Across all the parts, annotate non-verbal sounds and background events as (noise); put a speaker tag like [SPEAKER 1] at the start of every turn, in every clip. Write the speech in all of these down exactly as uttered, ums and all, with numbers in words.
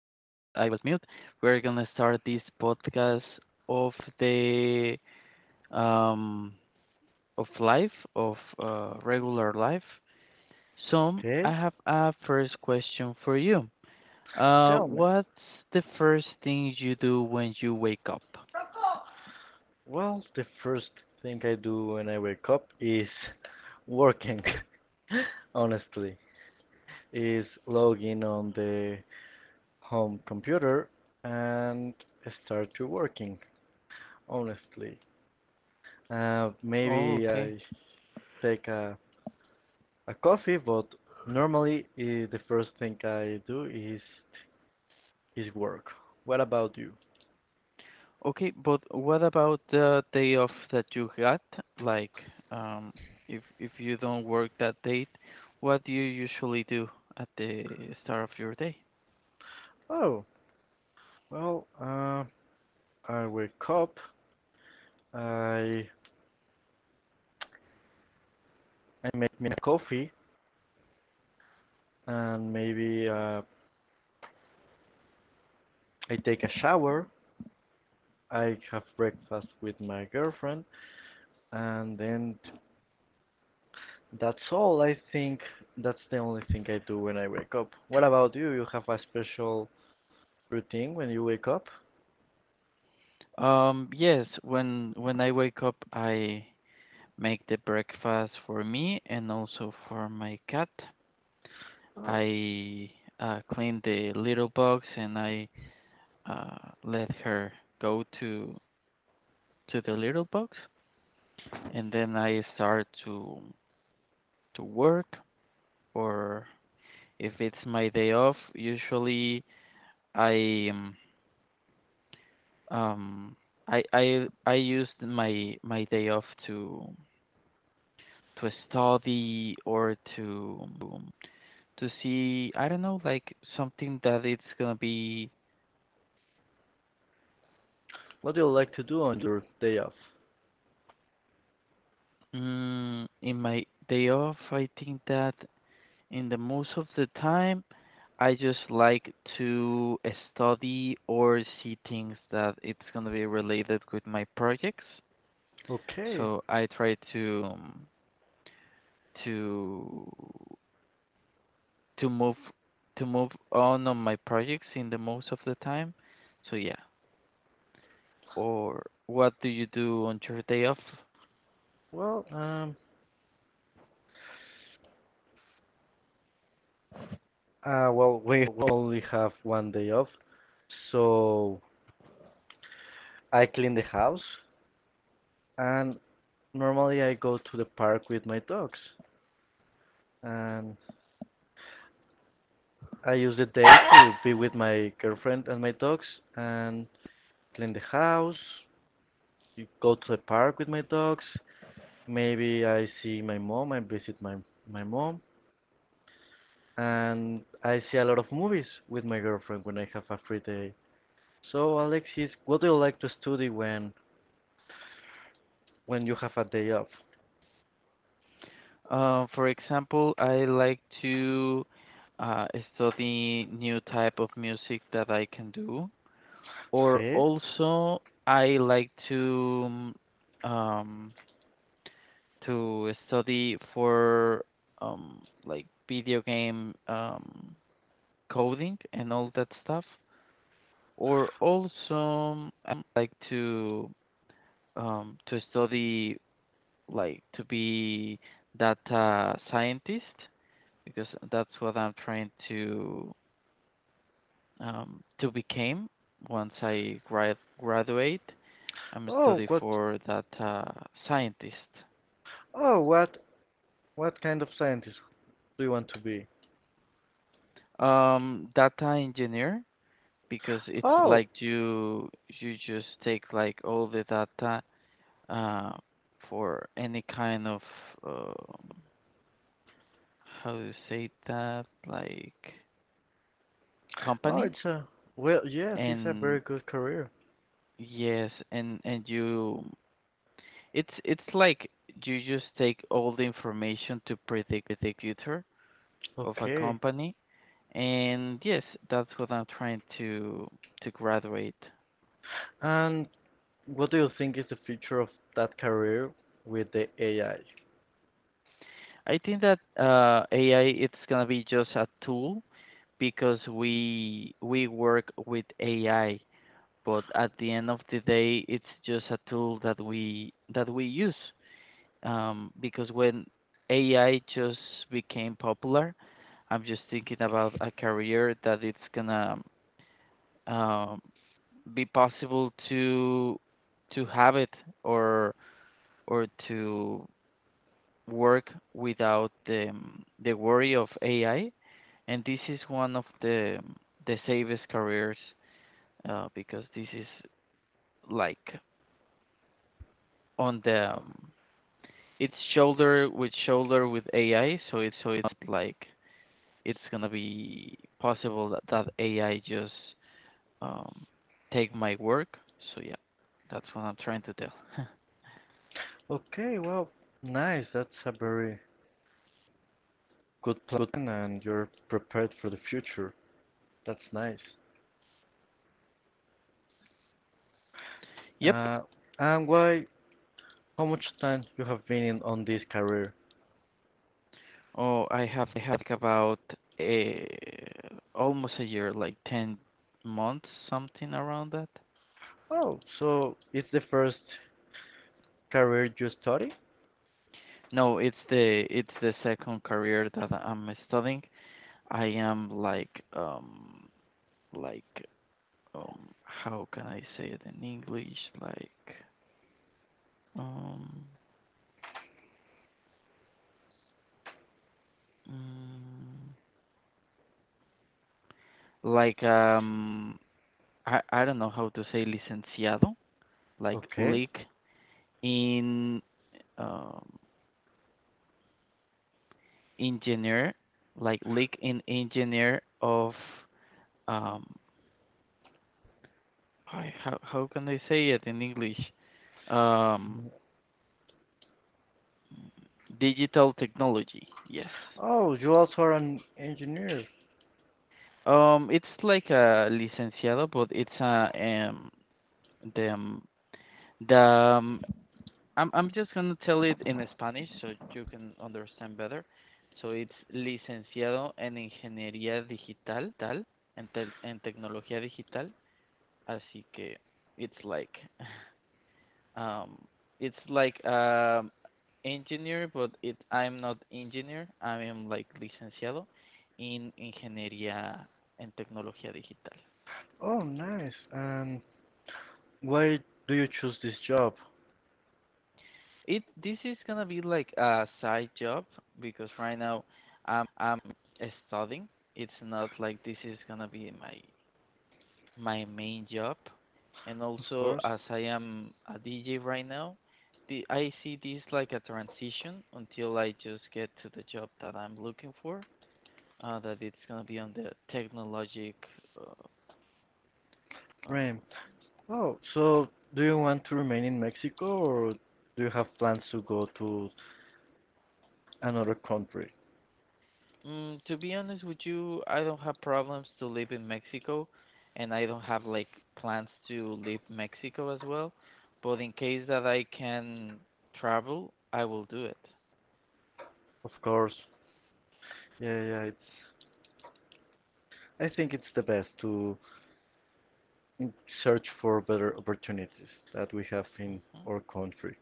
[SPEAKER 1] I was mute. We're gonna start this podcast of the um of life of uh, regular life. So I
[SPEAKER 2] Okay,
[SPEAKER 1] have a first question for you. Uh,
[SPEAKER 2] tell me.
[SPEAKER 1] what's the first thing you do when you wake up?
[SPEAKER 2] Well, the first thing I do when I wake up is working, (laughs) honestly, is log in on the home computer and start to working, honestly. Uh,
[SPEAKER 1] Oh,
[SPEAKER 2] maybe
[SPEAKER 1] okay.
[SPEAKER 2] I take a, a coffee, but normally uh, the first thing I do is is work. What about you?
[SPEAKER 1] Okay, but what about the day off that you got? Like, um, if if you don't work that date, what do you usually do at the start of your day?
[SPEAKER 2] Oh, well, uh, I wake up, I I make me a coffee, and maybe uh, I take a shower, I have breakfast with my girlfriend, and then that's all. I think that's the only thing I do when I wake up. What about you? You have a special routine when you wake up?
[SPEAKER 1] Um, yes, when when I wake up, I make the breakfast for me and also for my cat.
[SPEAKER 2] Oh,
[SPEAKER 1] I uh, clean the little box and I uh, let her go to to the little box, and then I start to to work or if it's my day off, usually I um, um I I I used my my day off to to study or to um, to see, I don't know, like something that it's gonna be
[SPEAKER 2] what do you like to do on your day off?
[SPEAKER 1] mm, in my day off. I think that in the most of the time, I just like to study or see things that it's gonna be related with my projects.
[SPEAKER 2] Okay.
[SPEAKER 1] So I try to um, to to move to move on on my projects in the most of the time. So yeah. Or what do you do on your day off?
[SPEAKER 2] Well, um, uh, well, we only have one day off, so I clean the house, and normally I go to the park with my dogs, and I use the day to be with my girlfriend and my dogs and clean the house, go to the park with my dogs. Maybe I see my mom, I visit my, my mom, and I see a lot of movies with my girlfriend when I have a free day. So, Alexis, what do you like to study when when you have a day off?
[SPEAKER 1] Uh, for example, I like to uh, study new type of music that I can do, or
[SPEAKER 2] Eh?
[SPEAKER 1] also I like to um, to study for um, like video game um, coding and all that stuff, or also um, like to um, to study, like to be data scientist because that's what I'm trying to um, to become once I grad graduate. I'm
[SPEAKER 2] Oh,
[SPEAKER 1] study
[SPEAKER 2] what?
[SPEAKER 1] for data scientist,
[SPEAKER 2] Oh, what? What kind of scientist do you want to be?
[SPEAKER 1] um, data engineer because it's
[SPEAKER 2] Oh,
[SPEAKER 1] like you you just take like all the data uh, for any kind of um, how to say that, like
[SPEAKER 2] oh,
[SPEAKER 1] company.
[SPEAKER 2] it's a well, yes, it's a very
[SPEAKER 1] And
[SPEAKER 2] good career.
[SPEAKER 1] yes, and and you, it's it's like you just take all the information to predict the future of a
[SPEAKER 2] Okay.
[SPEAKER 1] company. And yes, that's what I'm trying to to graduate.
[SPEAKER 2] And what do you think is the future of that career with the A I?
[SPEAKER 1] I think that uh AI it's going to be just a tool because we we work with AI, but at the end of the day it's just a tool that we that we use, um, because when A I just became popular, I'm just thinking about a career that it's gonna um, be possible to to have it or or to work without the the worry of A I, and this is one of the the safest careers, uh, because this is like on the um, it's shoulder with shoulder with A I, so it's, so it's not like it's gonna be possible that that A I just um, take my work. So yeah, that's what I'm trying to tell. (laughs)
[SPEAKER 2] Okay, well, nice. That's a very good plan, and you're prepared for the future. That's nice.
[SPEAKER 1] Yep.
[SPEAKER 2] Uh, and why? How much time you have been in on this career?
[SPEAKER 1] Oh, I have had like about a almost a year, like ten months, something around that.
[SPEAKER 2] Oh, so it's the first career you study?
[SPEAKER 1] No, it's the it's the second career that I'm studying. I am like um like um how can I say it in English? Like um. mm, like um I I don't know how to say licenciado, like
[SPEAKER 2] Okay.
[SPEAKER 1] leak in um engineer, like leak in engineer of um I- how how can I say it in English? Um digital technology. Yes.
[SPEAKER 2] Oh, you also are an engineer.
[SPEAKER 1] Um it's like a licenciado but it's a um the um, the I'm I'm just gonna tell it in Spanish so you can understand better. So it's licenciado en ingeniería digital, tal, en tel- en tecnología digital. Así que it's like, (laughs) um, it's like um engineer, but it I'm not engineer. I am like licenciado en ingeniería en tecnología digital.
[SPEAKER 2] Oh, nice. And why do you choose this job?
[SPEAKER 1] It, this is gonna be like a side job because right now I'm I'm studying. It's not like this is gonna be my my main job. And
[SPEAKER 2] Of
[SPEAKER 1] also,
[SPEAKER 2] course.
[SPEAKER 1] as I am a D J right now, the I see this like a transition until I just get to the job that I'm looking for. Uh, that it's gonna be on the technologic uh, uh,
[SPEAKER 2] Dream. Oh, so do you want to remain in Mexico or do you have plans to go to another country?
[SPEAKER 1] mm, to be honest with you, I don't have problems to live in Mexico, and I don't have like plans to leave Mexico as well. But in case that I can travel, I will do it.
[SPEAKER 2] Of course. Yeah, yeah, it's I think it's the best to mm, search for better opportunities that we have in
[SPEAKER 1] Hmm.
[SPEAKER 2] our country.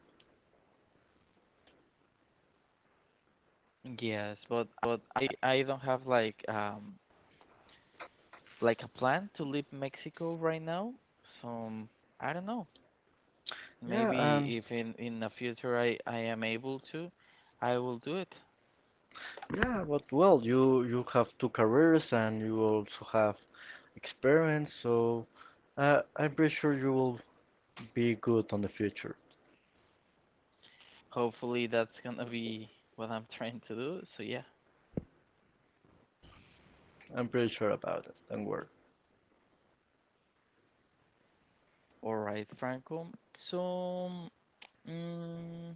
[SPEAKER 1] Yes, but I I don't have like um like a plan to leave Mexico right now. So I don't know.
[SPEAKER 2] Yeah, and
[SPEAKER 1] Maybe if in in the future I I am able to, I will do it.
[SPEAKER 2] yeah, but well, you you have two careers and you also have experience, so uh, I'm pretty sure you will be good on the future.
[SPEAKER 1] Hopefully that's gonna be what I'm (laughs) trying to do. So yeah.
[SPEAKER 2] I'm pretty sure about it. Don't worry.
[SPEAKER 1] All right, Franco. So, mm,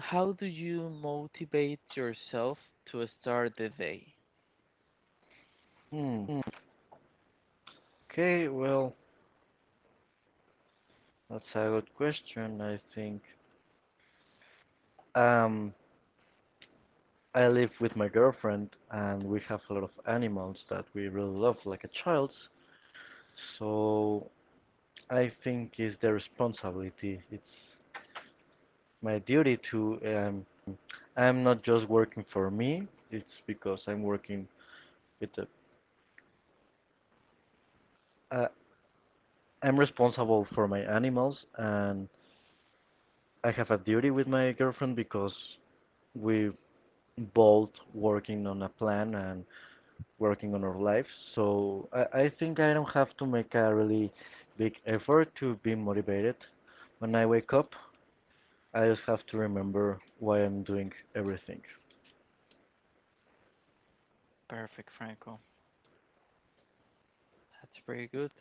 [SPEAKER 1] how do you motivate yourself to start the day?
[SPEAKER 2] Hmm. Hmm. Okay, well. That's a good question. I think um, I live with my girlfriend, and we have a lot of animals that we really love, like a child. So I think it's their responsibility. It's my duty to. Um, I'm not just working for me. It's because I'm working with the. Uh, I'm responsible for my animals, and I have a duty with my girlfriend because we both working on a plan and working on our lives. So I, I think I don't have to make a really big effort to be motivated. When I wake up, I just have to remember why I'm doing everything.
[SPEAKER 1] Perfect, Franco. That's very good.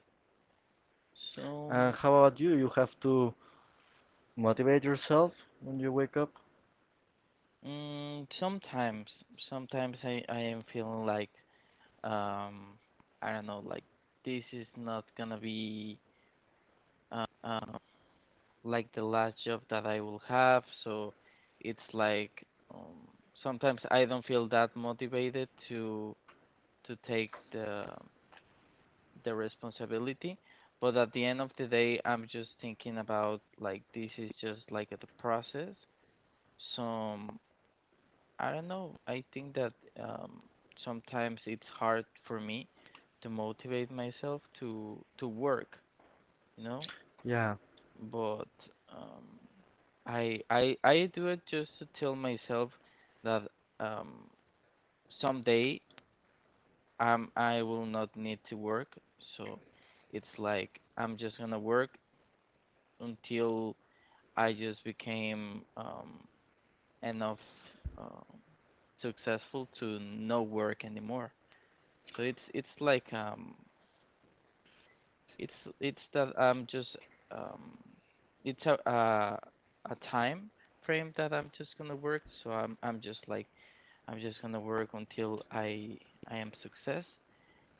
[SPEAKER 2] And
[SPEAKER 1] So,
[SPEAKER 2] how about you? You have to motivate yourself when you wake up?
[SPEAKER 1] mm, sometimes, sometimes I, I am feeling like, um, I don't know, like this is not gonna be uh, um, like the last job that I will have. So it's like um, sometimes I don't feel that motivated to to take the the responsibility, but at the end of the day I'm just thinking about, like, this is just like the process. So I don't know. I think that um, sometimes it's hard for me to motivate myself to to work, you know,
[SPEAKER 2] Yeah,
[SPEAKER 1] but um, I I I do it just to tell myself that um someday um I will not need to work. So it's like I'm just gonna work until I just became um enough um successful to no work anymore. So it's it's like um it's it's that I'm just um it's a uh, a time frame that I'm just gonna work. So I'm I'm just like, I'm just gonna work until I I am success,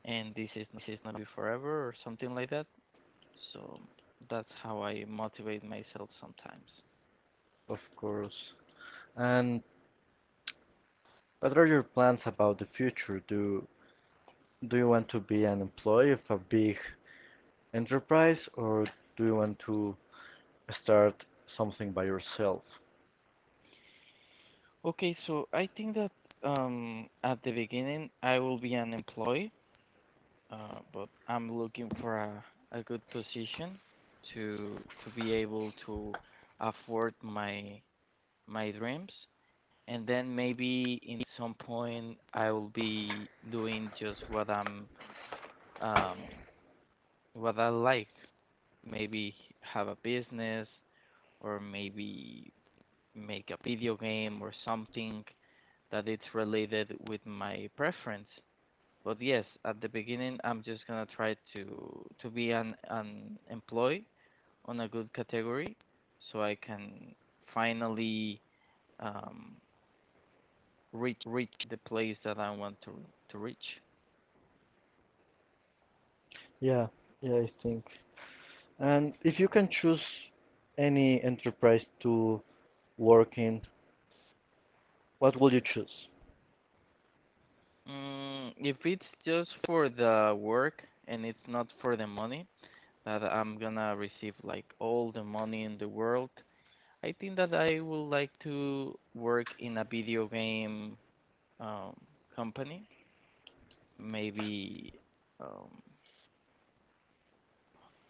[SPEAKER 1] and this is this is not be forever or something like that. So that's how I motivate myself sometimes.
[SPEAKER 2] of course. And what are your plans about the future? Do do you want to be an employee of a big enterprise or do you want to start something by yourself?
[SPEAKER 1] Okay, so I think that um, at the beginning I will be an employee, uh, but I'm looking for a, a good position to to be able to afford my my dreams, and then maybe in some point I will be doing just what I'm um, what I like. Maybe have a business or maybe make a video game or something that it's related with my preference. But yes, at the beginning, I'm just gonna try to to be an an employee on a good category, so I can finally um, reach reach the place that I want to to reach.
[SPEAKER 2] Yeah, yeah, I think. And if you can choose any enterprise to work in, what would you choose?
[SPEAKER 1] Mm, if it's just for the work and it's not for the money, that I'm gonna receive like all the money in the world, I think that I would like to work in a video game um, company. Maybe um,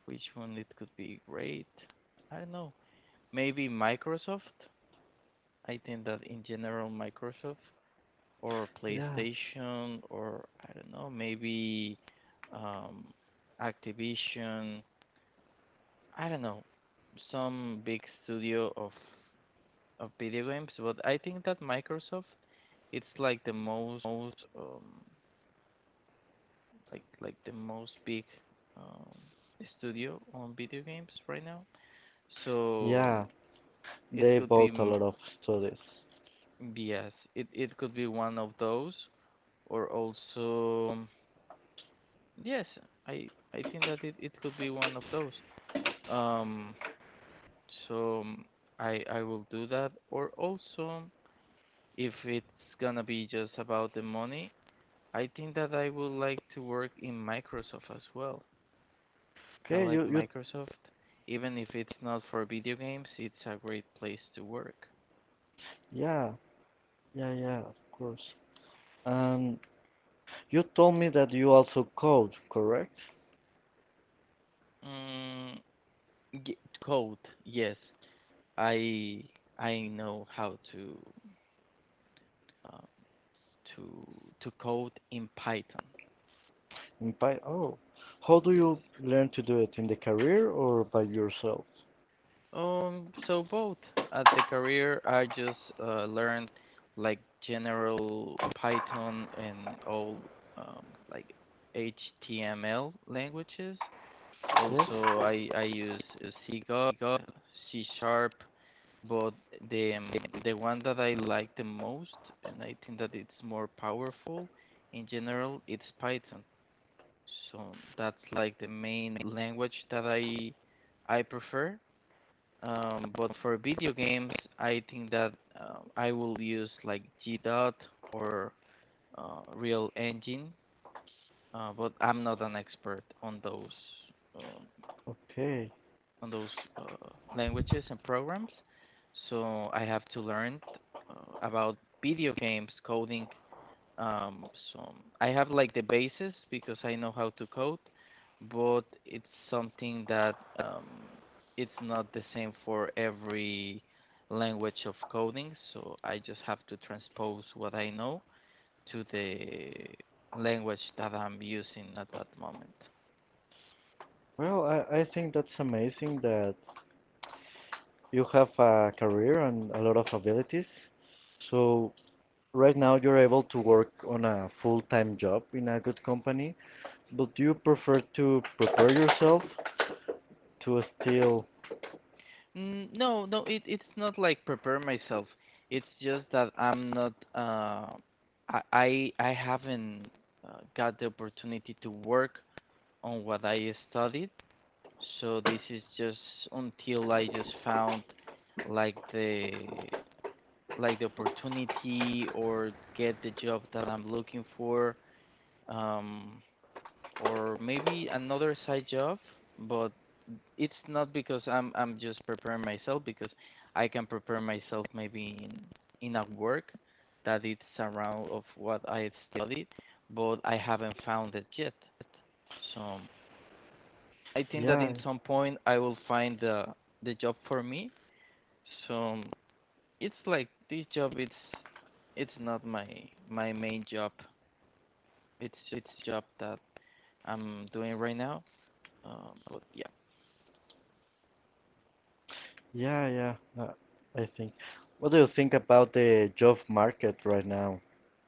[SPEAKER 1] which one it could be great? I don't know. Maybe Microsoft. I think that in general Microsoft or
[SPEAKER 2] Yeah,
[SPEAKER 1] PlayStation or I don't know. Maybe um, Activision. I don't know. Some big studio of of video games, but I think that Microsoft it's like the most most um like like the most big um studio on video games right now. So
[SPEAKER 2] yeah,
[SPEAKER 1] it
[SPEAKER 2] they
[SPEAKER 1] could be
[SPEAKER 2] bought a
[SPEAKER 1] m-
[SPEAKER 2] lot of studies.
[SPEAKER 1] yes, it it could be one of those or also yes, I I think that it, it could be one of those. Um so mm, I I will do that or also if it's gonna be just about the money, I think that I would like to work in Microsoft as well. I
[SPEAKER 2] Okay,
[SPEAKER 1] like
[SPEAKER 2] you, you,
[SPEAKER 1] Microsoft, even if it's not for video games, it's a great place to work.
[SPEAKER 2] yeah, yeah, yeah, of course. Um, you told me that you also code, correct?
[SPEAKER 1] Mm, y- Code, yes, I I know how to uh, to to code in Python.
[SPEAKER 2] In Py oh, how do you
[SPEAKER 1] Yes.
[SPEAKER 2] learn to do it? In the career or by yourself?
[SPEAKER 1] Um, so both at the career, I just uh, learned like general Python and all um, like H T M L languages.
[SPEAKER 2] Yes,
[SPEAKER 1] Also, I I use uh, C Go, C Sharp, but the um, the one that I like the most, and I think that it's more powerful in general, it's Python. So that's like the main language that I I prefer, um, but for video games, I think that uh, I will use like G D O T or uh, Real Engine, uh, but I'm not an expert on those um,
[SPEAKER 2] okay.
[SPEAKER 1] on those uh, languages and programs, so I have to learn uh, about video games coding, um, so I have like the basis because I know how to code, but it's something that um, it's not the same for every language of coding. So I just have to transpose what I know to the language that I'm using at that moment.
[SPEAKER 2] Well, I, I think that's amazing that you have a career and a lot of abilities. So right now, you're able to work on a full-time job in a good company, but do you prefer to prepare yourself to still?
[SPEAKER 1] Mm, no, no, it, it's not like prepare myself. It's just that I'm not. Uh, I I I haven't uh, got the opportunity to work on what I studied. So this is just until I just found like the like the opportunity or get the job that I'm looking for, um, or maybe another side job. But it's not because I'm I'm just preparing myself because I can prepare myself maybe in in a work that it's around of what I studied, but I haven't found it yet. So. I think that
[SPEAKER 2] Yeah,
[SPEAKER 1] in some point I will find the the job for me. So it's like this job it's it's not my my main job. It's it's job that I'm doing right now. Uh, but yeah.
[SPEAKER 2] yeah, yeah. Uh, I think. What do you think about the job market right now?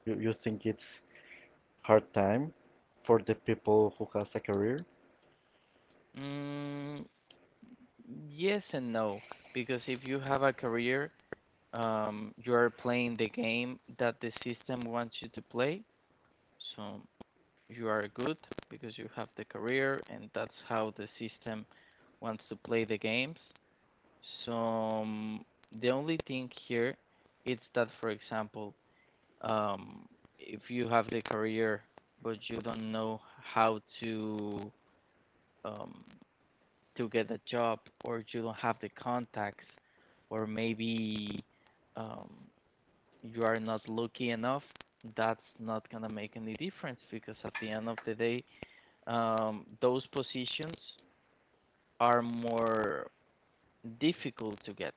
[SPEAKER 2] You you think it's hard time for the people who has a career?
[SPEAKER 1] Mm, yes and no because if you have a career, um, you are playing the game that the system wants you to play. So you are good because you have the career and that's how the system wants to play the games. So the only thing here is that, for example, um, if you have the career but you don't know how to um, to get a job, or you don't have the contacts, or maybe um, you are not lucky enough, that's not gonna make any difference because at the end of the day, um, those positions are more difficult to get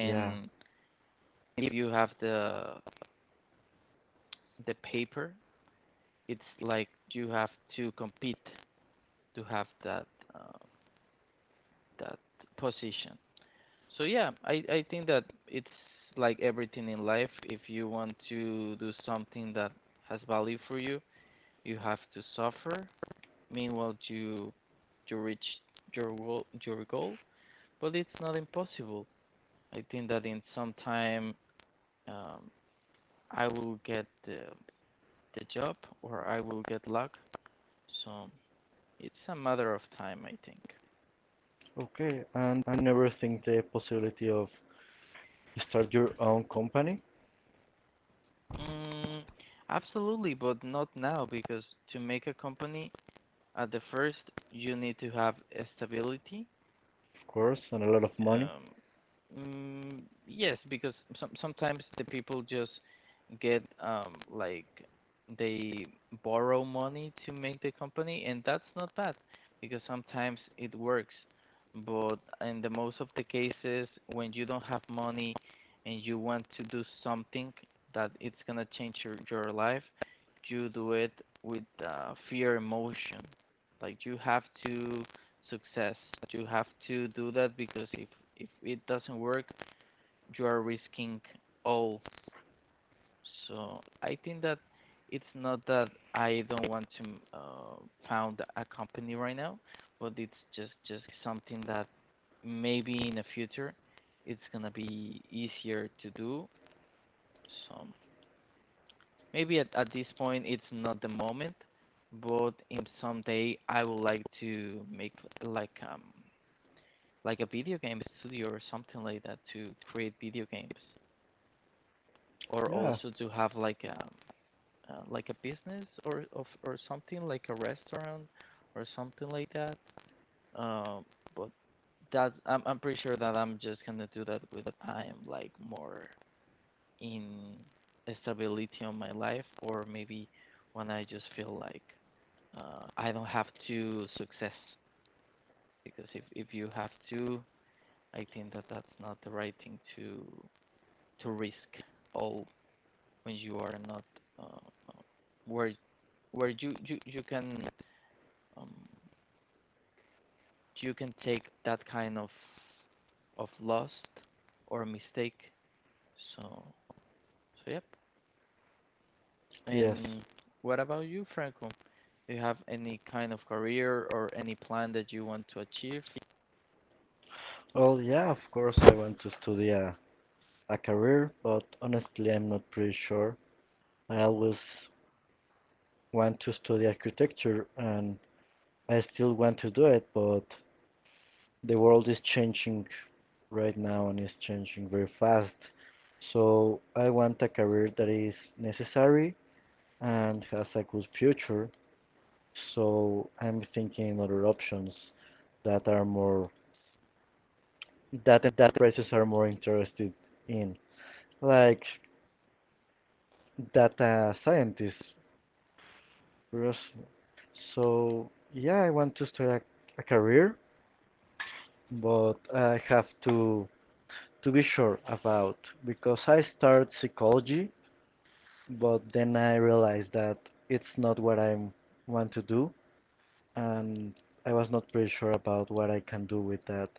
[SPEAKER 2] Yeah.
[SPEAKER 1] if you have the the paper, it's like you have to compete to have that uh, that position. So yeah, I I think that it's like everything in life. If you want to do something that has value for you, you have to suffer. Meanwhile, you you reach your goal, your goal, but it's not impossible. I think that in some time, um, I will get the, the job or I will get luck. So it's a matter of time, I think.
[SPEAKER 2] Okay. And I never think the possibility of start your own company,
[SPEAKER 1] Mm, absolutely, but not now because to make a company, at the first you need to have stability.
[SPEAKER 2] of course, and a lot of money.
[SPEAKER 1] Um, mm, yes, because some, sometimes the people just get um, like they borrow money to make the company, and that's not bad because sometimes it works. But in the most of the cases, when you don't have money and you want to do something that it's gonna change your, your life, you do it with uh, fear emotion. Like you have to success. You have to do that because if if it doesn't work, you are risking all. So I think that it's not that I don't want to uh, found a company right now, but it's just just something that maybe in the future it's gonna be easier to do. So maybe at, at this point it's not the moment, but in someday I would like to make like um like a video game studio or something like that to create video games or
[SPEAKER 2] Yeah.
[SPEAKER 1] also to have like a uh, like a business, or, or or something like a restaurant or something like that, um but that's, I'm, I'm pretty sure that I'm just gonna do that with I'm like more in stability on my life or maybe when I just feel like uh, I don't have to success because if, if you have to, I think that that's not the right thing to to risk all when you are not uh, uh, where where you you you can um, you can take that kind of of loss or mistake. So so yep.
[SPEAKER 2] Yes.
[SPEAKER 1] And what about you, Franco? Do you have any kind of career or any plan that you want to achieve?
[SPEAKER 2] Well, yeah, of course, I want to study a, a career, but honestly, I'm not pretty sure. I always want to study architecture and I still want to do it, but the world is changing right now and is changing very fast. So I want a career that is necessary and has a good future. So I'm thinking other options that are more that that prices are more interested in, like data scientist, bros. So yeah, I want to start a, a career, but I have to to be sure about because I started psychology, but then I realized that it's not what I want to do, and I was not pretty sure about what I can do with that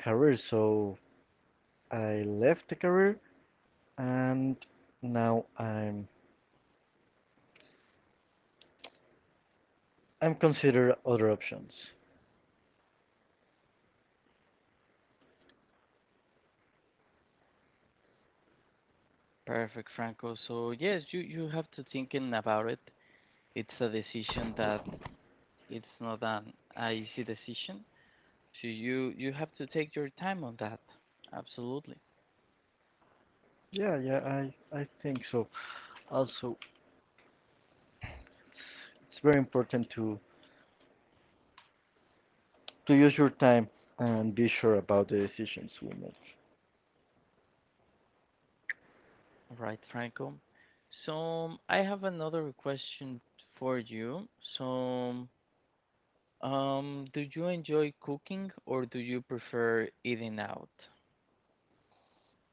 [SPEAKER 2] career. So I left the career, and now I'm I'm consider other options.
[SPEAKER 1] Perfect, Franco. So yes, you you have to thinking about it. It's a decision that it's not an easy decision. So you you have to take your time on that. Absolutely.
[SPEAKER 2] Yeah, yeah, I I think so. Also, it's very important to to use your time and be sure about the decisions we make.
[SPEAKER 1] All right, Franco. So I have another question for you. So, um, do you enjoy cooking or do you prefer eating out?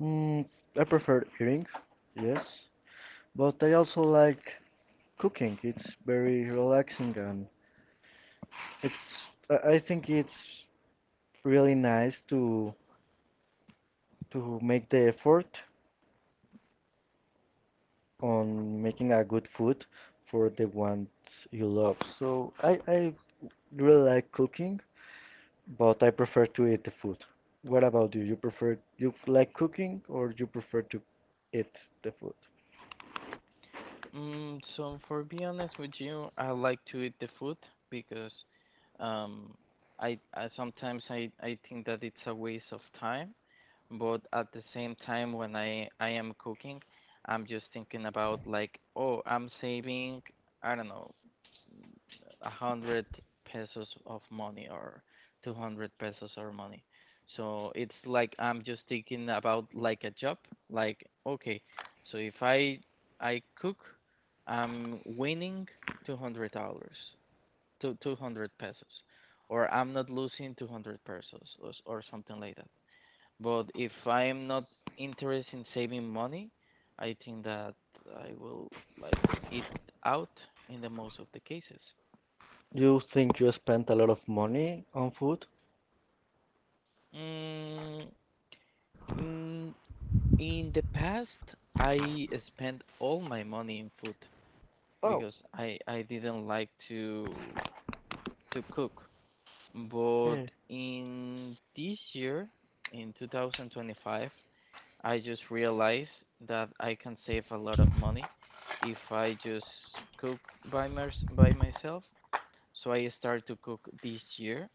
[SPEAKER 2] Mm, I prefer eating, yes, but I also like cooking. It's very relaxing and it's I I think it's really nice to to make the effort on making a good food for the ones you love. So I I really like cooking but I prefer to eat the food. What about you? You prefer you like cooking or you prefer to eat the food?
[SPEAKER 1] Mm, so for be honest with you, I like to eat the food because, um I, I sometimes I, I think that it's a waste of time, but at the same time when i i am cooking, I'm just thinking about like, oh, I'm saving, I don't know, a hundred pesos of money or two hundred pesos of money. So it's like I'm just thinking about like a job, like, okay, so if i I cook, I'm winning two hundred dollars to two hundred pesos, or I'm not losing two hundred pesos, or, or something like that. But if I am not interested in saving money, I think that I will like it out in the most of the cases.
[SPEAKER 2] You think you spent a lot of money on food?
[SPEAKER 1] Mm, mm, in the past, I spent all my money in food
[SPEAKER 2] Oh,
[SPEAKER 1] because I I didn't like to to cook. But
[SPEAKER 2] hmm.
[SPEAKER 1] in this year, in twenty twenty-five, I just realized that I can save a lot of money if I just cook by my, by myself. So I started to cook this year,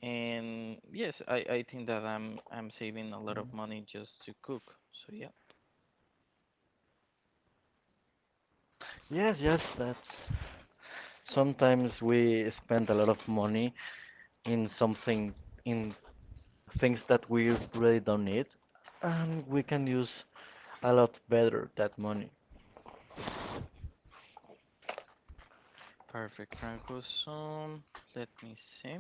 [SPEAKER 1] and yes, I, I think that I'm I'm saving a lot of
[SPEAKER 2] Mm.
[SPEAKER 1] money just to cook. So yeah,
[SPEAKER 2] Yes, yes, that's sometimes we spend a lot of money in something in things that we really don't need and we can use a lot better that money.
[SPEAKER 1] perfect, Franco. So let me see.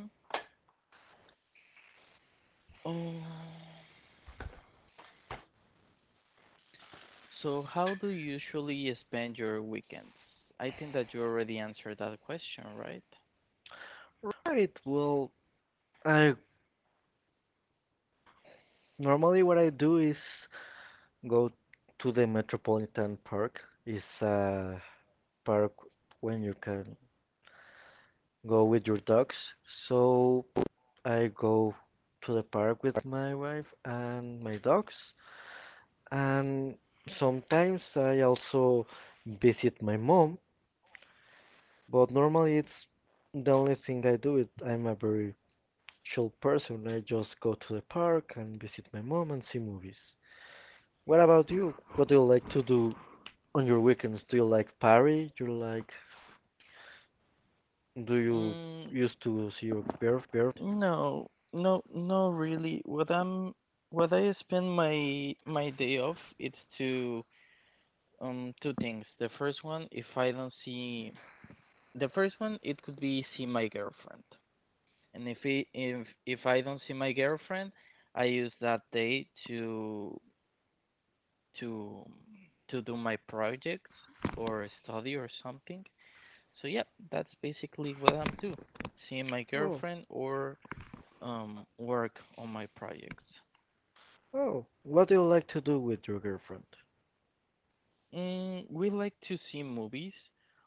[SPEAKER 1] Oh, so how do you usually spend your weekends? I think that you already answered that question, right?
[SPEAKER 2] Right, well, I normally what I do is go to the Metropolitan Park. It's a park when you can go with your dogs. So I go to the park with my wife and my dogs. And sometimes I also visit my mom, but normally it's the only thing I do. It, I'm a very chill person. I just go to the park and visit my mom and see movies. What about you? What do you like to do on your weekends? Do you like party? Do you like do you
[SPEAKER 1] Mm,
[SPEAKER 2] used to see your girlfriend?
[SPEAKER 1] No, no, no, really. What I'm, what I spend my my day off, it's to um two things. The first one, if I don't see, the first one, it could be see my girlfriend. And if it, if if I don't see my girlfriend, I use that day to to to do my projects or study or something. So yeah, that's basically what I'm do. Seeing my
[SPEAKER 2] Oh,
[SPEAKER 1] girlfriend or um work on my projects.
[SPEAKER 2] oh, what do you like to do with your girlfriend?
[SPEAKER 1] Mm, we like to see movies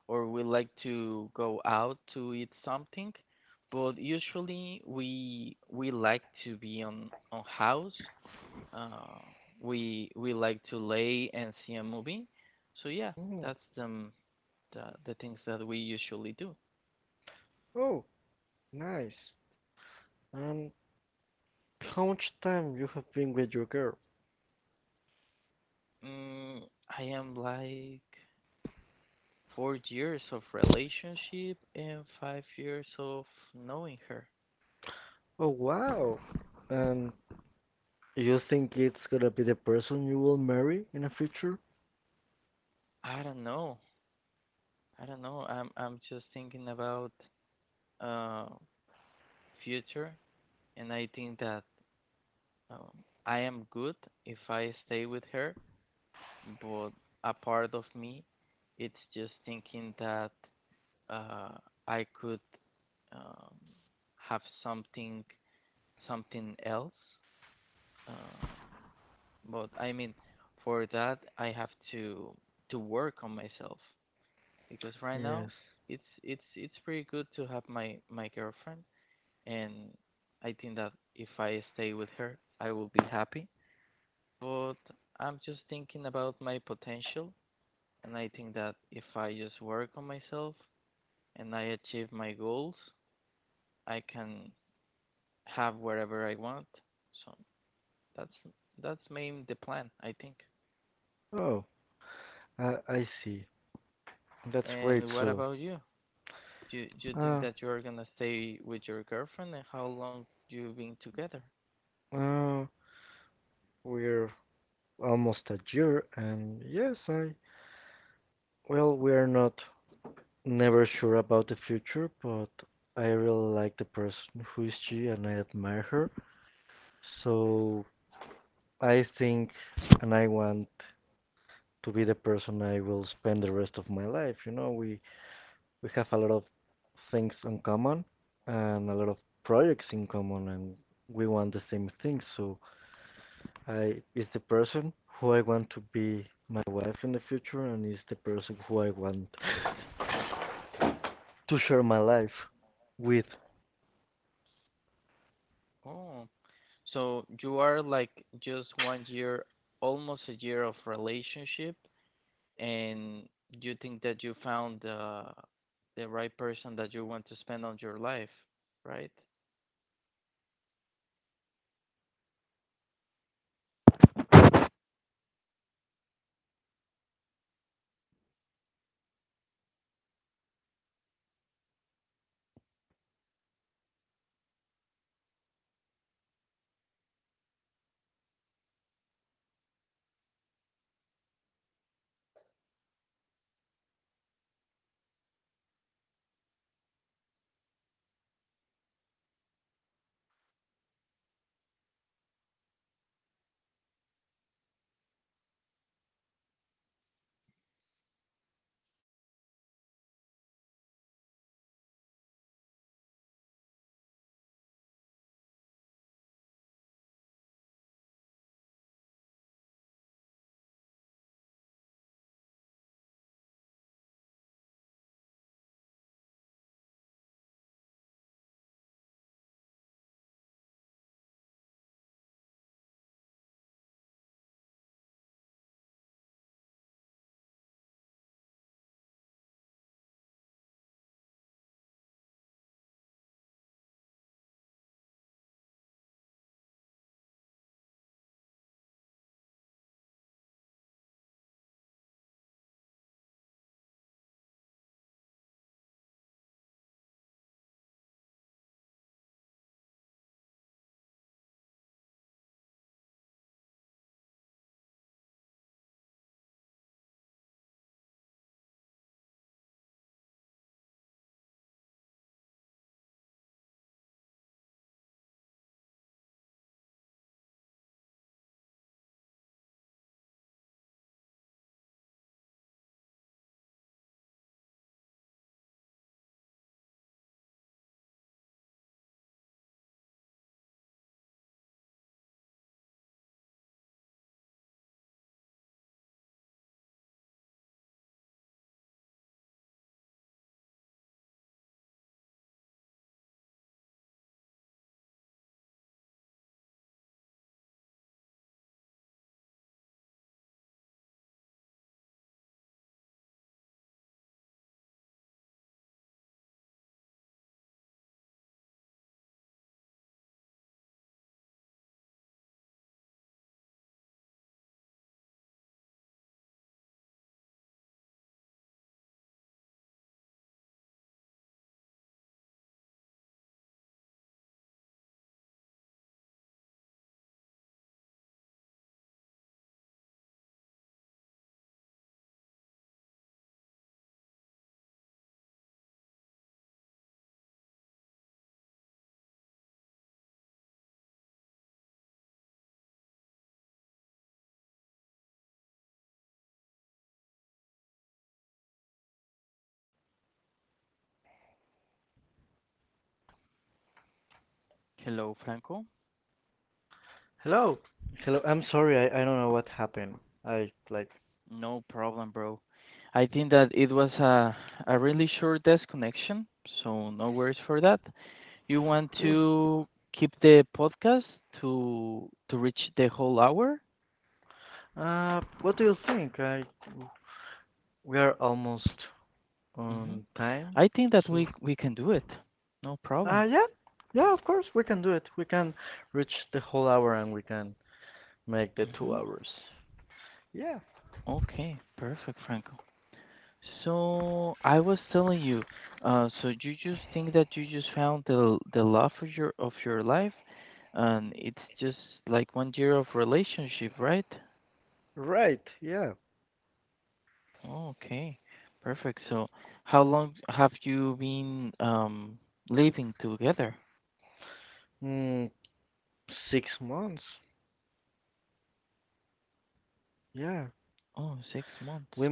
[SPEAKER 1] or we like to go out to eat something, but usually we we like to be on on house. Uh, we we like to lay and see a movie. So yeah,
[SPEAKER 2] Mm,
[SPEAKER 1] that's the m- the, the things that we usually do.
[SPEAKER 2] oh, nice. And how much time you have been with your girl?
[SPEAKER 1] Mm, I am like four years of relationship and five years of knowing her.
[SPEAKER 2] Oh, wow. And you think it's gonna be the person you will marry in the future?
[SPEAKER 1] I don't know. I don't know. I'm I'm just thinking about uh, future, and I think that, um, I am good if I stay with her. But a part of me, it's just thinking that, uh, I could, um, have something, something else. Uh, but I mean, for that I have to to work on myself because right
[SPEAKER 2] Yes.
[SPEAKER 1] now it's it's it's pretty good to have my my girlfriend, and I think that if I stay with her, I will be happy. But I'm just thinking about my potential, and I think that if I just work on myself and I achieve my goals, I can have wherever I want. So that's that's main the plan, I think.
[SPEAKER 2] Oh, I, I see. That's great.
[SPEAKER 1] And what
[SPEAKER 2] So,
[SPEAKER 1] about you? Do you, do you think
[SPEAKER 2] uh,
[SPEAKER 1] that you're gonna stay with your girlfriend, and how long you been together?
[SPEAKER 2] uh, we're almost a year, and yes, I, well, we're not never sure about the future, but I really like the person who is she and I admire her. So I think and I want to be the person I will spend the rest of my life. You know, we we have a lot of things in common and a lot of projects in common and we want the same things. So I is the person who I want to be my wife in the future and is the person who I want
[SPEAKER 1] Oh, so you are like just one year, almost a year of relationship, and you think that you found the the right person that you want to spend on your life, right? Hello, Franco. No problem, bro. I think that it was a a really short disconnection, so no worries for that. You want to keep the podcast to to reach the whole hour? Hmm. I think that we we can do it. No problem. Hmm. Okay, perfect, Franco. So I was telling you, uh, so you just think that you just found the the love of your of your life, and it's just like one year of relationship, right? Okay, perfect. So how long have you been um living together? Oh, six months.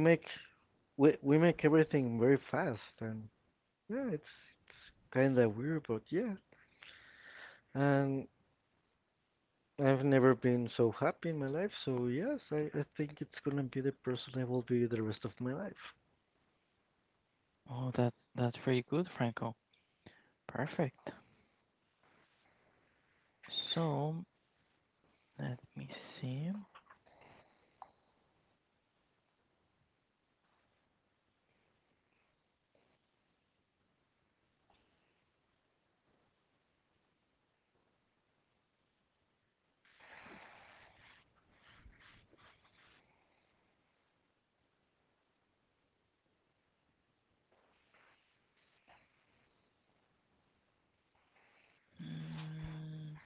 [SPEAKER 1] Oh, that's that's pretty good, Franco. Perfect. So let me see. Mm,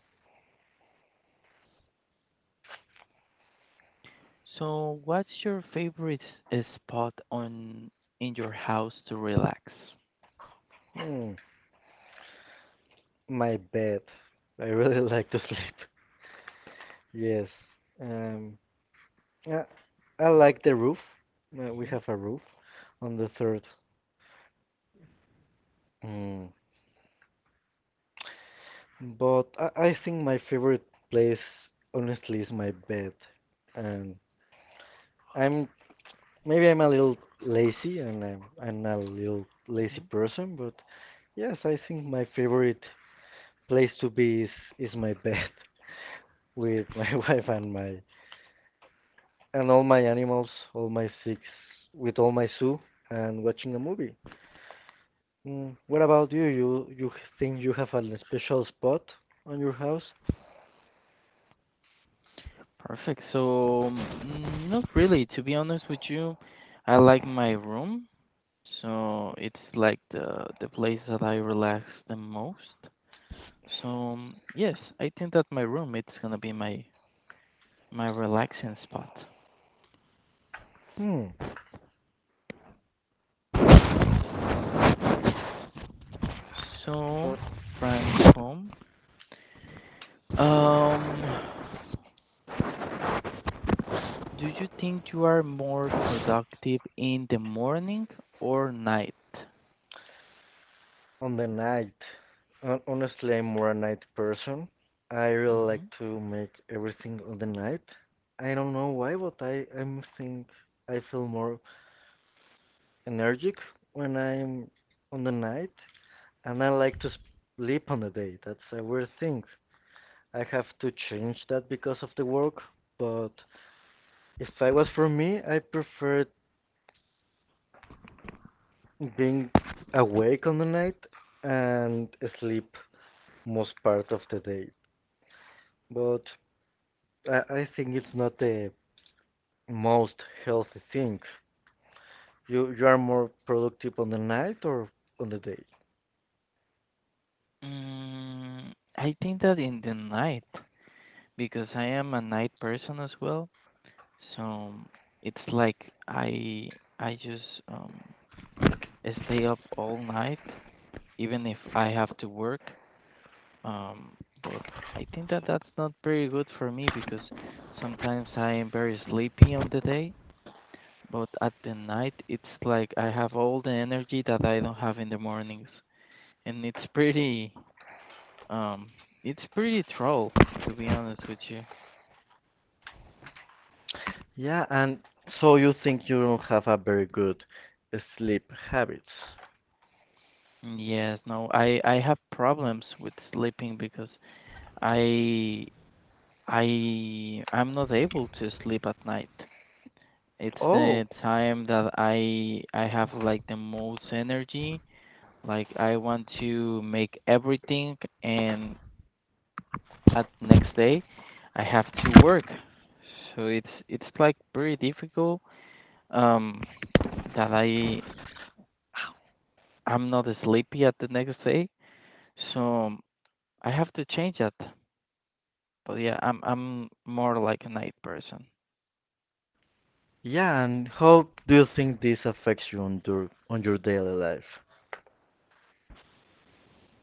[SPEAKER 1] So, what's your favorite s- spot on in your house to relax? Mhm, mhm. Perfect. So, mm, not really. To be honest with you, I like my room. So it's like the the place that I relax the most. So, mm, yes, I think that my room it's gonna be my my relaxing spot. So Franco, um, um, do you think you are more productive in the morning or night? Hmm. Mm, I think that in the night, because I am a night person as well. So it's like I I just um stay up all night, even if I have to work. Um, but I think that that's not very good for me because sometimes I am very sleepy on the day. But at the night, it's like I have all the energy that I don't have in the mornings, and it's pretty, um, it's pretty troll, to be honest with you. Yes, no, I I have problems with sleeping because I I I'm not able to sleep at night. It's the time that I I have like the most energy. Like I want to make everything, and at next day I have to work. So it's it's like very difficult um that I I'm not sleepy at the next day. So, um, I have to change that. But yeah, I'm I'm more like a night person.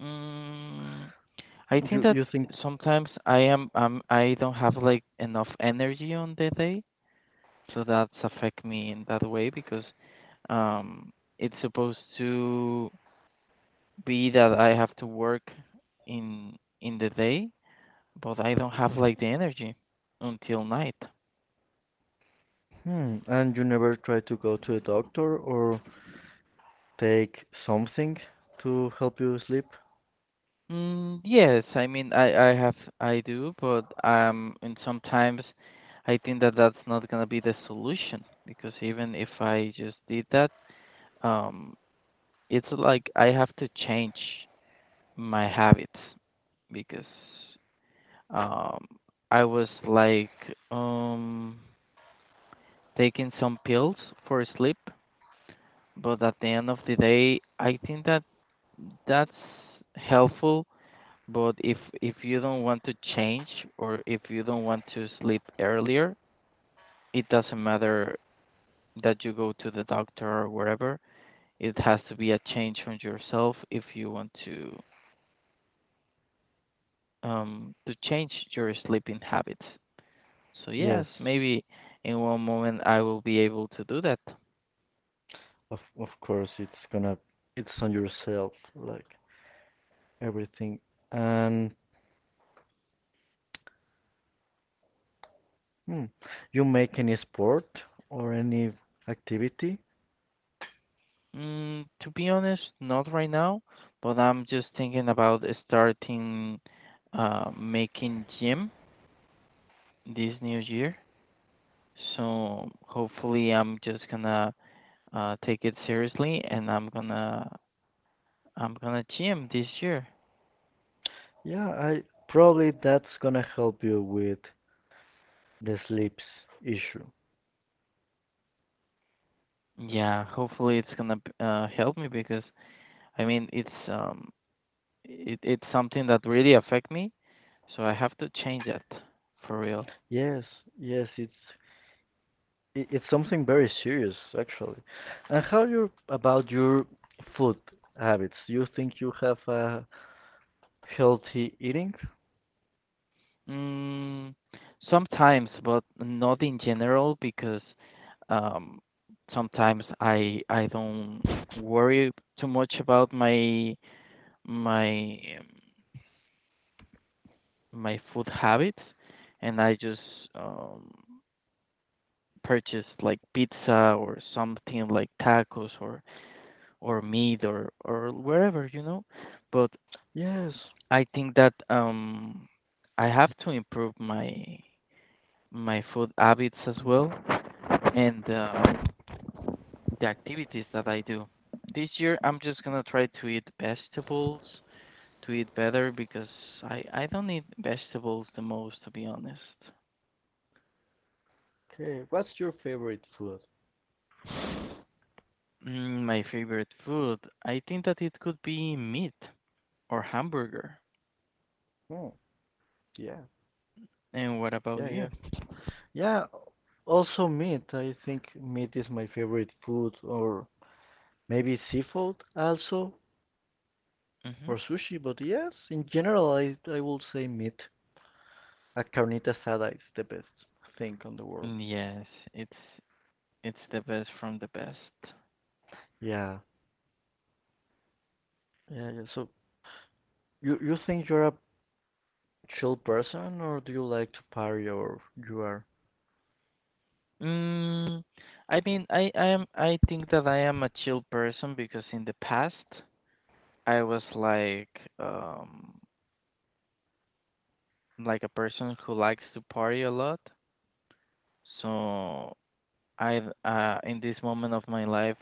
[SPEAKER 1] Mm, I think that sometimes I am um I don't have like enough energy on the day, so that's affect me in that way because um it's supposed to be that I have to work in in the day, but I don't have like the energy until night. Mm, yes, I mean I I have I do, but um and sometimes I think that that's not gonna be the solution because even if I just did that, um it's like I have to change my habits because um I was like um taking some pills for sleep. But at the end of the day, I think that that's helpful. But if if you don't want to change, or if you don't want to sleep earlier, it doesn't matter that you go to the doctor or wherever. It has to be a change from yourself if you want to um to change your sleeping habits. So yes, maybe in one moment I will be able to do that. Mm, to be honest, not right now, but I'm just thinking about starting uh making gym this new year. So hopefully I'm just gonna uh take it seriously, and I'm gonna I'm gonna gym this year. Yeah, hopefully it's gonna b- uh help me because I mean it's um it it's something that really affect me, so I have to change that for real. Mm, sometimes, but not in general because um, sometimes I I don't worry too much about my my um, my food habits, and I just um, purchase like pizza or something, like tacos or or meat or or wherever, you know. But I think that um, I have to improve my my food habits as well, and um, the activities that I do. This year, I'm just gonna try to eat vegetables, to eat better because I I don't eat vegetables the most, to be honest. Mm, my favorite food, I think that it could be meat or hamburger. And what about you? Hmm. Yes, it's it's the best from the best. Mm, I mean, I I am I think that I am a chill person because in the past I was like um like a person who likes to party a lot. So I uh in this moment of my life,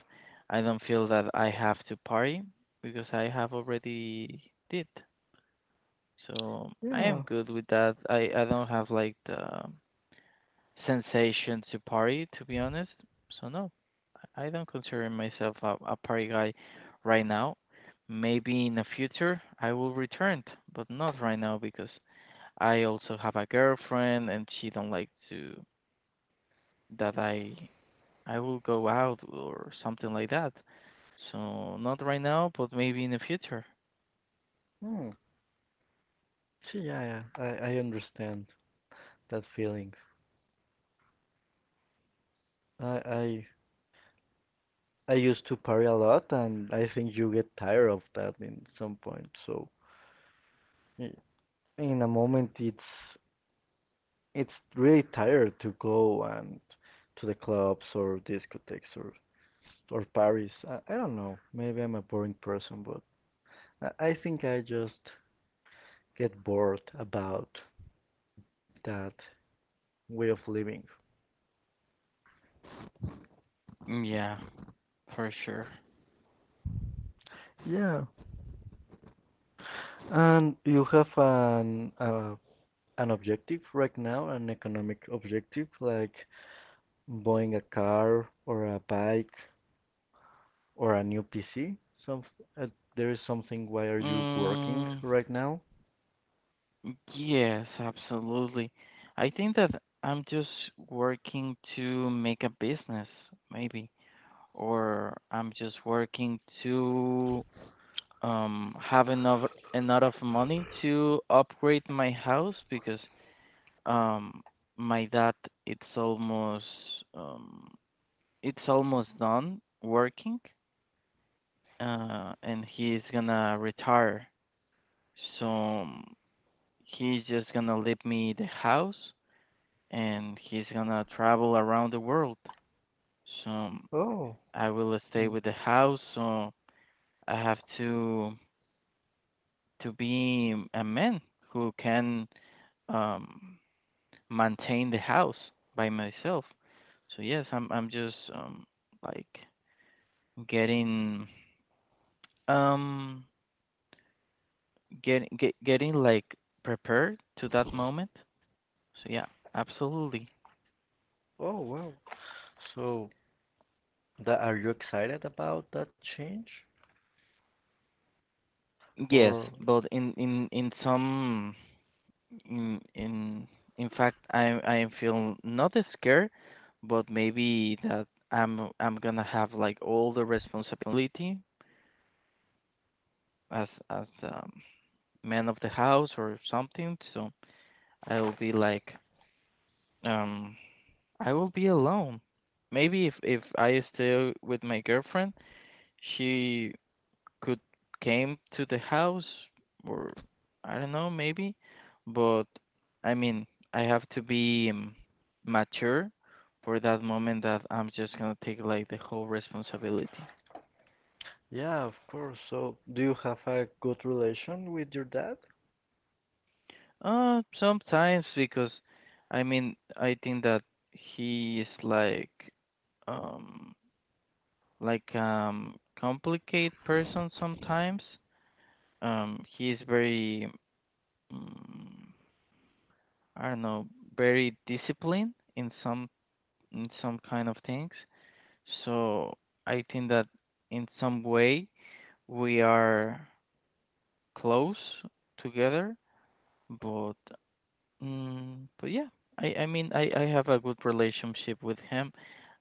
[SPEAKER 1] I don't feel that I have to party because I have already did. So I am good with that. I I don't have like the sensation to party, to be honest. So no, I I don't consider myself a, a party guy right now. Maybe in the future I will return, but not right now because I also have a girlfriend, and she don't like to that I I will go out or something like that. So not right now, but maybe in the future. Mm, yeah, for sure. Mm, yes, absolutely. I think that I'm just working to make a business, maybe, or I'm just working to um have enough enough money to upgrade my house because Um, my dad, it's almost um, it's almost done working, uh, and he's gonna retire. So um, he's just gonna leave me the house, and he's gonna travel around the world. So um, I will stay with the house. So I have to to be a man who can um maintain the house by myself. So yes, I'm I'm just um like getting um getting get, getting like prepared to that moment. So yeah, absolutely. Yes, but in in in some in in in fact I I feel not as scared, but maybe that I'm I'm gonna have like all the responsibility as as um, man of the house or something. So I will be like, um, I will be alone. Maybe if if I stay with my girlfriend, she could came to the house, or I don't know, maybe. But I mean, I have to be um, mature for that moment that I'm just gonna take like the whole responsibility. Uh, sometimes because I mean, I think that he is like um like um complicated person sometimes. Um, he is very mm, I don't know, very disciplined in some in some kind of things. So I think that in some way we are close together, but mm, but yeah, I I mean I I have a good relationship with him.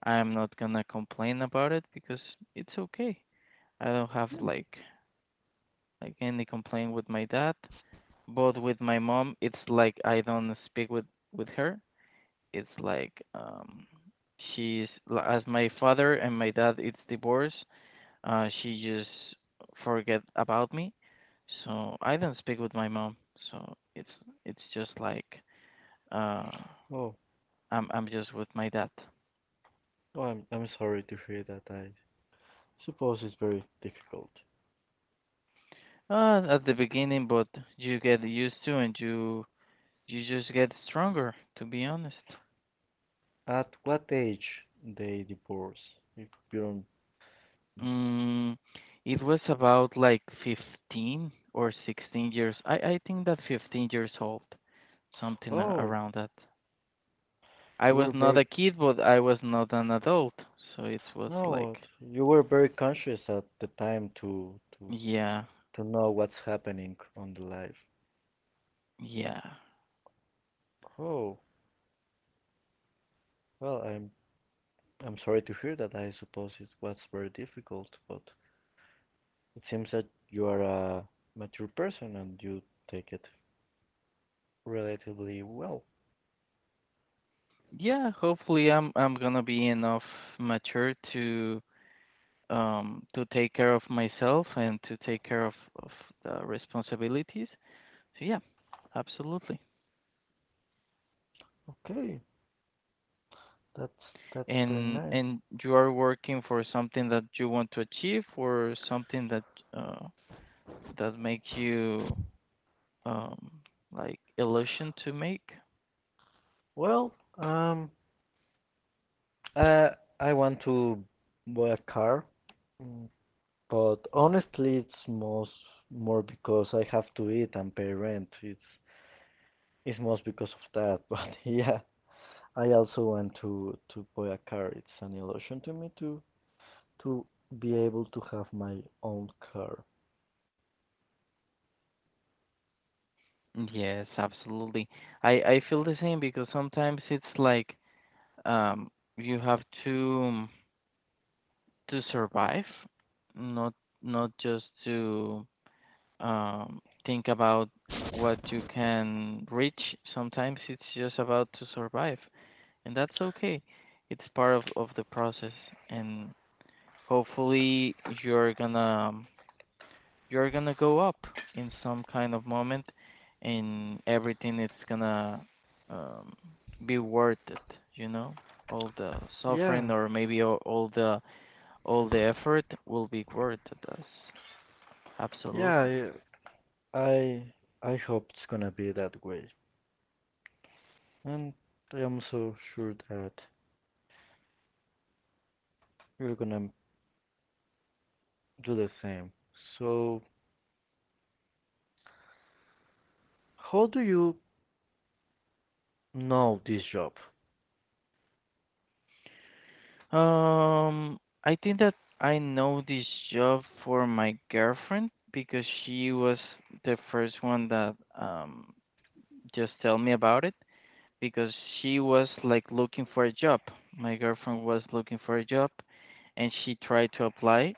[SPEAKER 1] I'm not gonna complain about it because it's okay. I don't have like like any complaint with my dad. But with my mom, it's like I don't speak with with her. It's like um, she's as my father, and my dad, it's divorced. Uh, she just forget about me, so I don't speak with my mom. So it's it's just like uh, I'm I'm just with my dad uh, at the beginning, but you get used to, and you you just get stronger. To be honest. Mm, it was about like fifteen or sixteen years. I, I think that fifteen years old, something a- around that. I was not a kid, but I was not an adult, so it was like, yeah, yeah, yeah. Hopefully, I'm I'm gonna be enough mature to um to take care of myself and to take care of of the responsibilities. So yeah, absolutely. and and you are working for something that you want to achieve or something that uh, that makes you um, like illusion to make. Yes, absolutely. I i feel the same because sometimes it's like um you have to to survive, not not just to um think about what you can reach. Sometimes it's just about to survive, and that's okay. It's part of of the process, and hopefully you're gonna you're gonna go up in some kind of moment, and everything it's gonna um, be worth it. You know, all the suffering, or maybe all, all the all the effort will be worth it. Us. Absolutely. Um, I think that I know this job for my girlfriend because she was the first one that um just tell me about it, because she was like looking for a job. My girlfriend was looking for a job, and she tried to apply,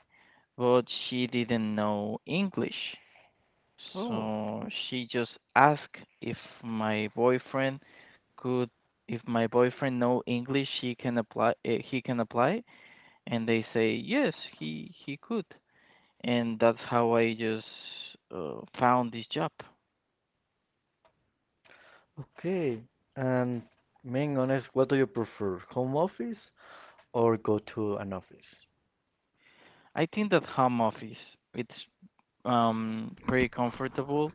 [SPEAKER 1] but she didn't know English. So she just asked if my boyfriend could if my boyfriend know English, he can apply eh, he can apply, and they say yes he he could, and that's how I just uh, found this job. I think that home office it's um pretty comfortable,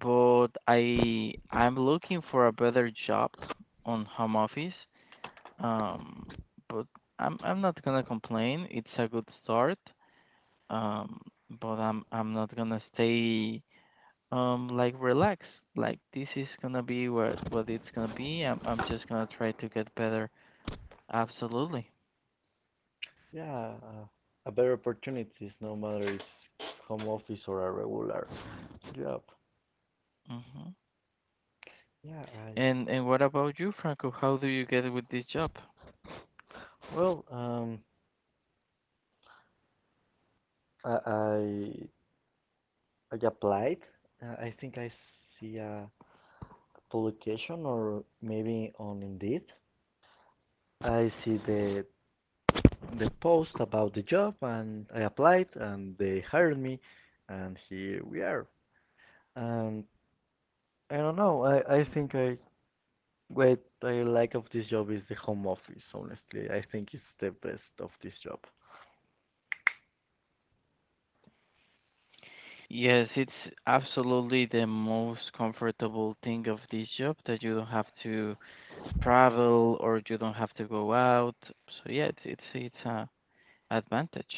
[SPEAKER 1] but i i'm looking for a better job on home office, um but i'm i'm not gonna complain, it's a good start, um but i'm i'm not gonna stay um like relax, like this is gonna be what what it's gonna be. I'm i'm just gonna try to get better. Absolutely. Hmm. and and what about you, Franco, how do you get with this job? Yes, it's absolutely the most comfortable thing of this job that you don't have to travel, or you don't have to go out. So yeah, it's it's it's a advantage.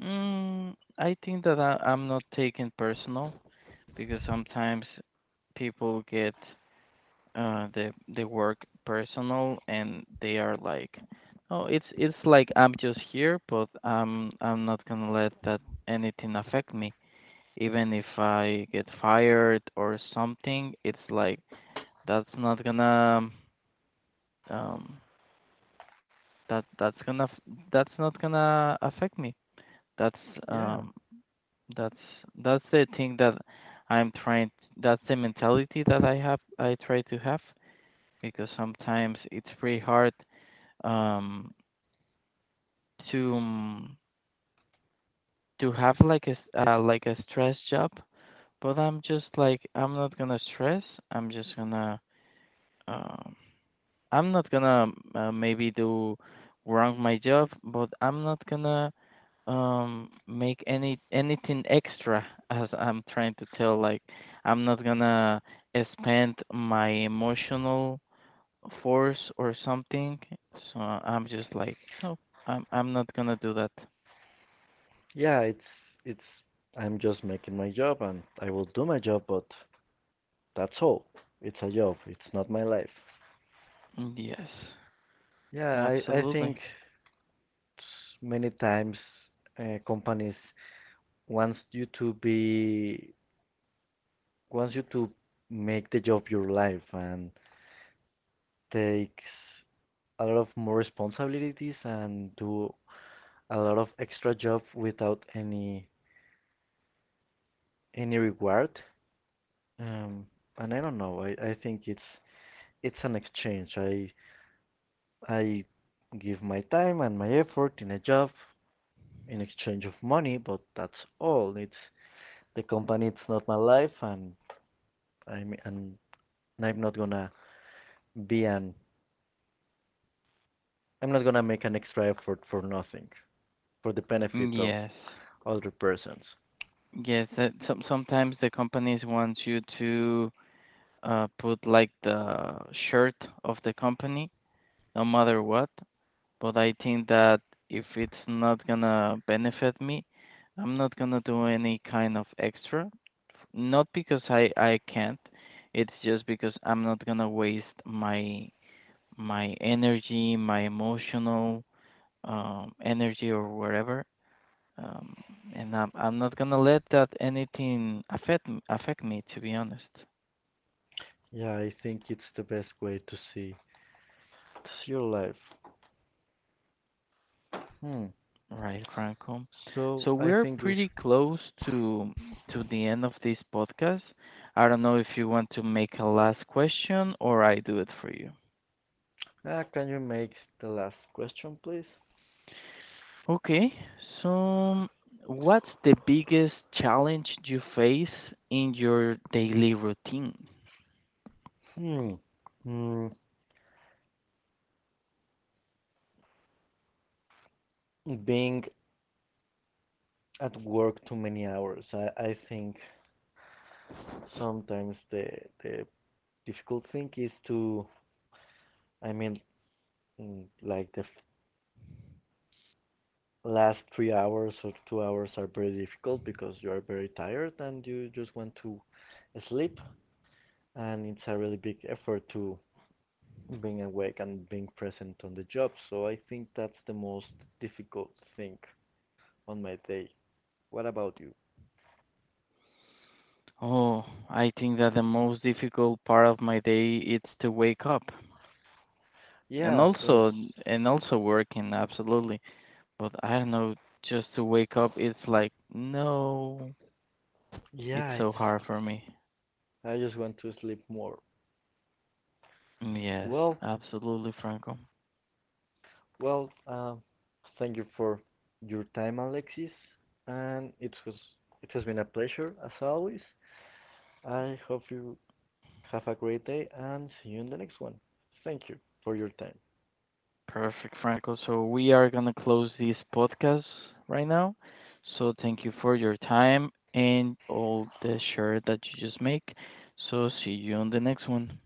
[SPEAKER 1] Mm, I think that I, i'm not taking personal because sometimes people get uh the the work personal, and they are like, oh it's it's like i'm just here. But i'm i'm not gonna let that anything affect me. Even if I get fired or something, it's like that's not gonna um that that's gonna f- that's not gonna affect me. That's um that's that's the thing that i'm trying, that's the mentality that I have I try to have, because sometimes it's pretty hard um to um, to have like a s- uh, like a stress job. But i'm just like, i'm not gonna stress. I'm just gonna um i'm not gonna uh, maybe do wrong my job. But i'm not gonna um make any anything extra (laughs) as i'm trying to tell, like i'm not gonna spend my emotional force or something. So i'm just like no, i'm i'm not gonna do that. Yes, absolutely. Yes. Yes, that some sometimes the companies want you to uh put like the shirt of the company, no matter what. But I think that if it's not gonna benefit me, I'm not gonna do any kind of extra. Not because I I can't. It's just because I'm not gonna waste my my energy, my emotional um energy or whatever, um, and I'm I'm not gonna let that anything affect m- affect me, to be honest, right, Franco? So we're pretty close to to the end of this podcast. I don't know if you want to make a last question, or I do it for you. Okay, so what's the biggest challenge you face in your daily routine? Oh, I think that the most difficult part of my day is to wake up. And also and also working, absolutely. But I don't know, just to wake up, it's like, no, it's so hard for me. Yes, absolutely, Franco. Perfect, Franco. So we are gonna close this podcast right now. So thank you for your time and all the share that you just make. So see you on the next one.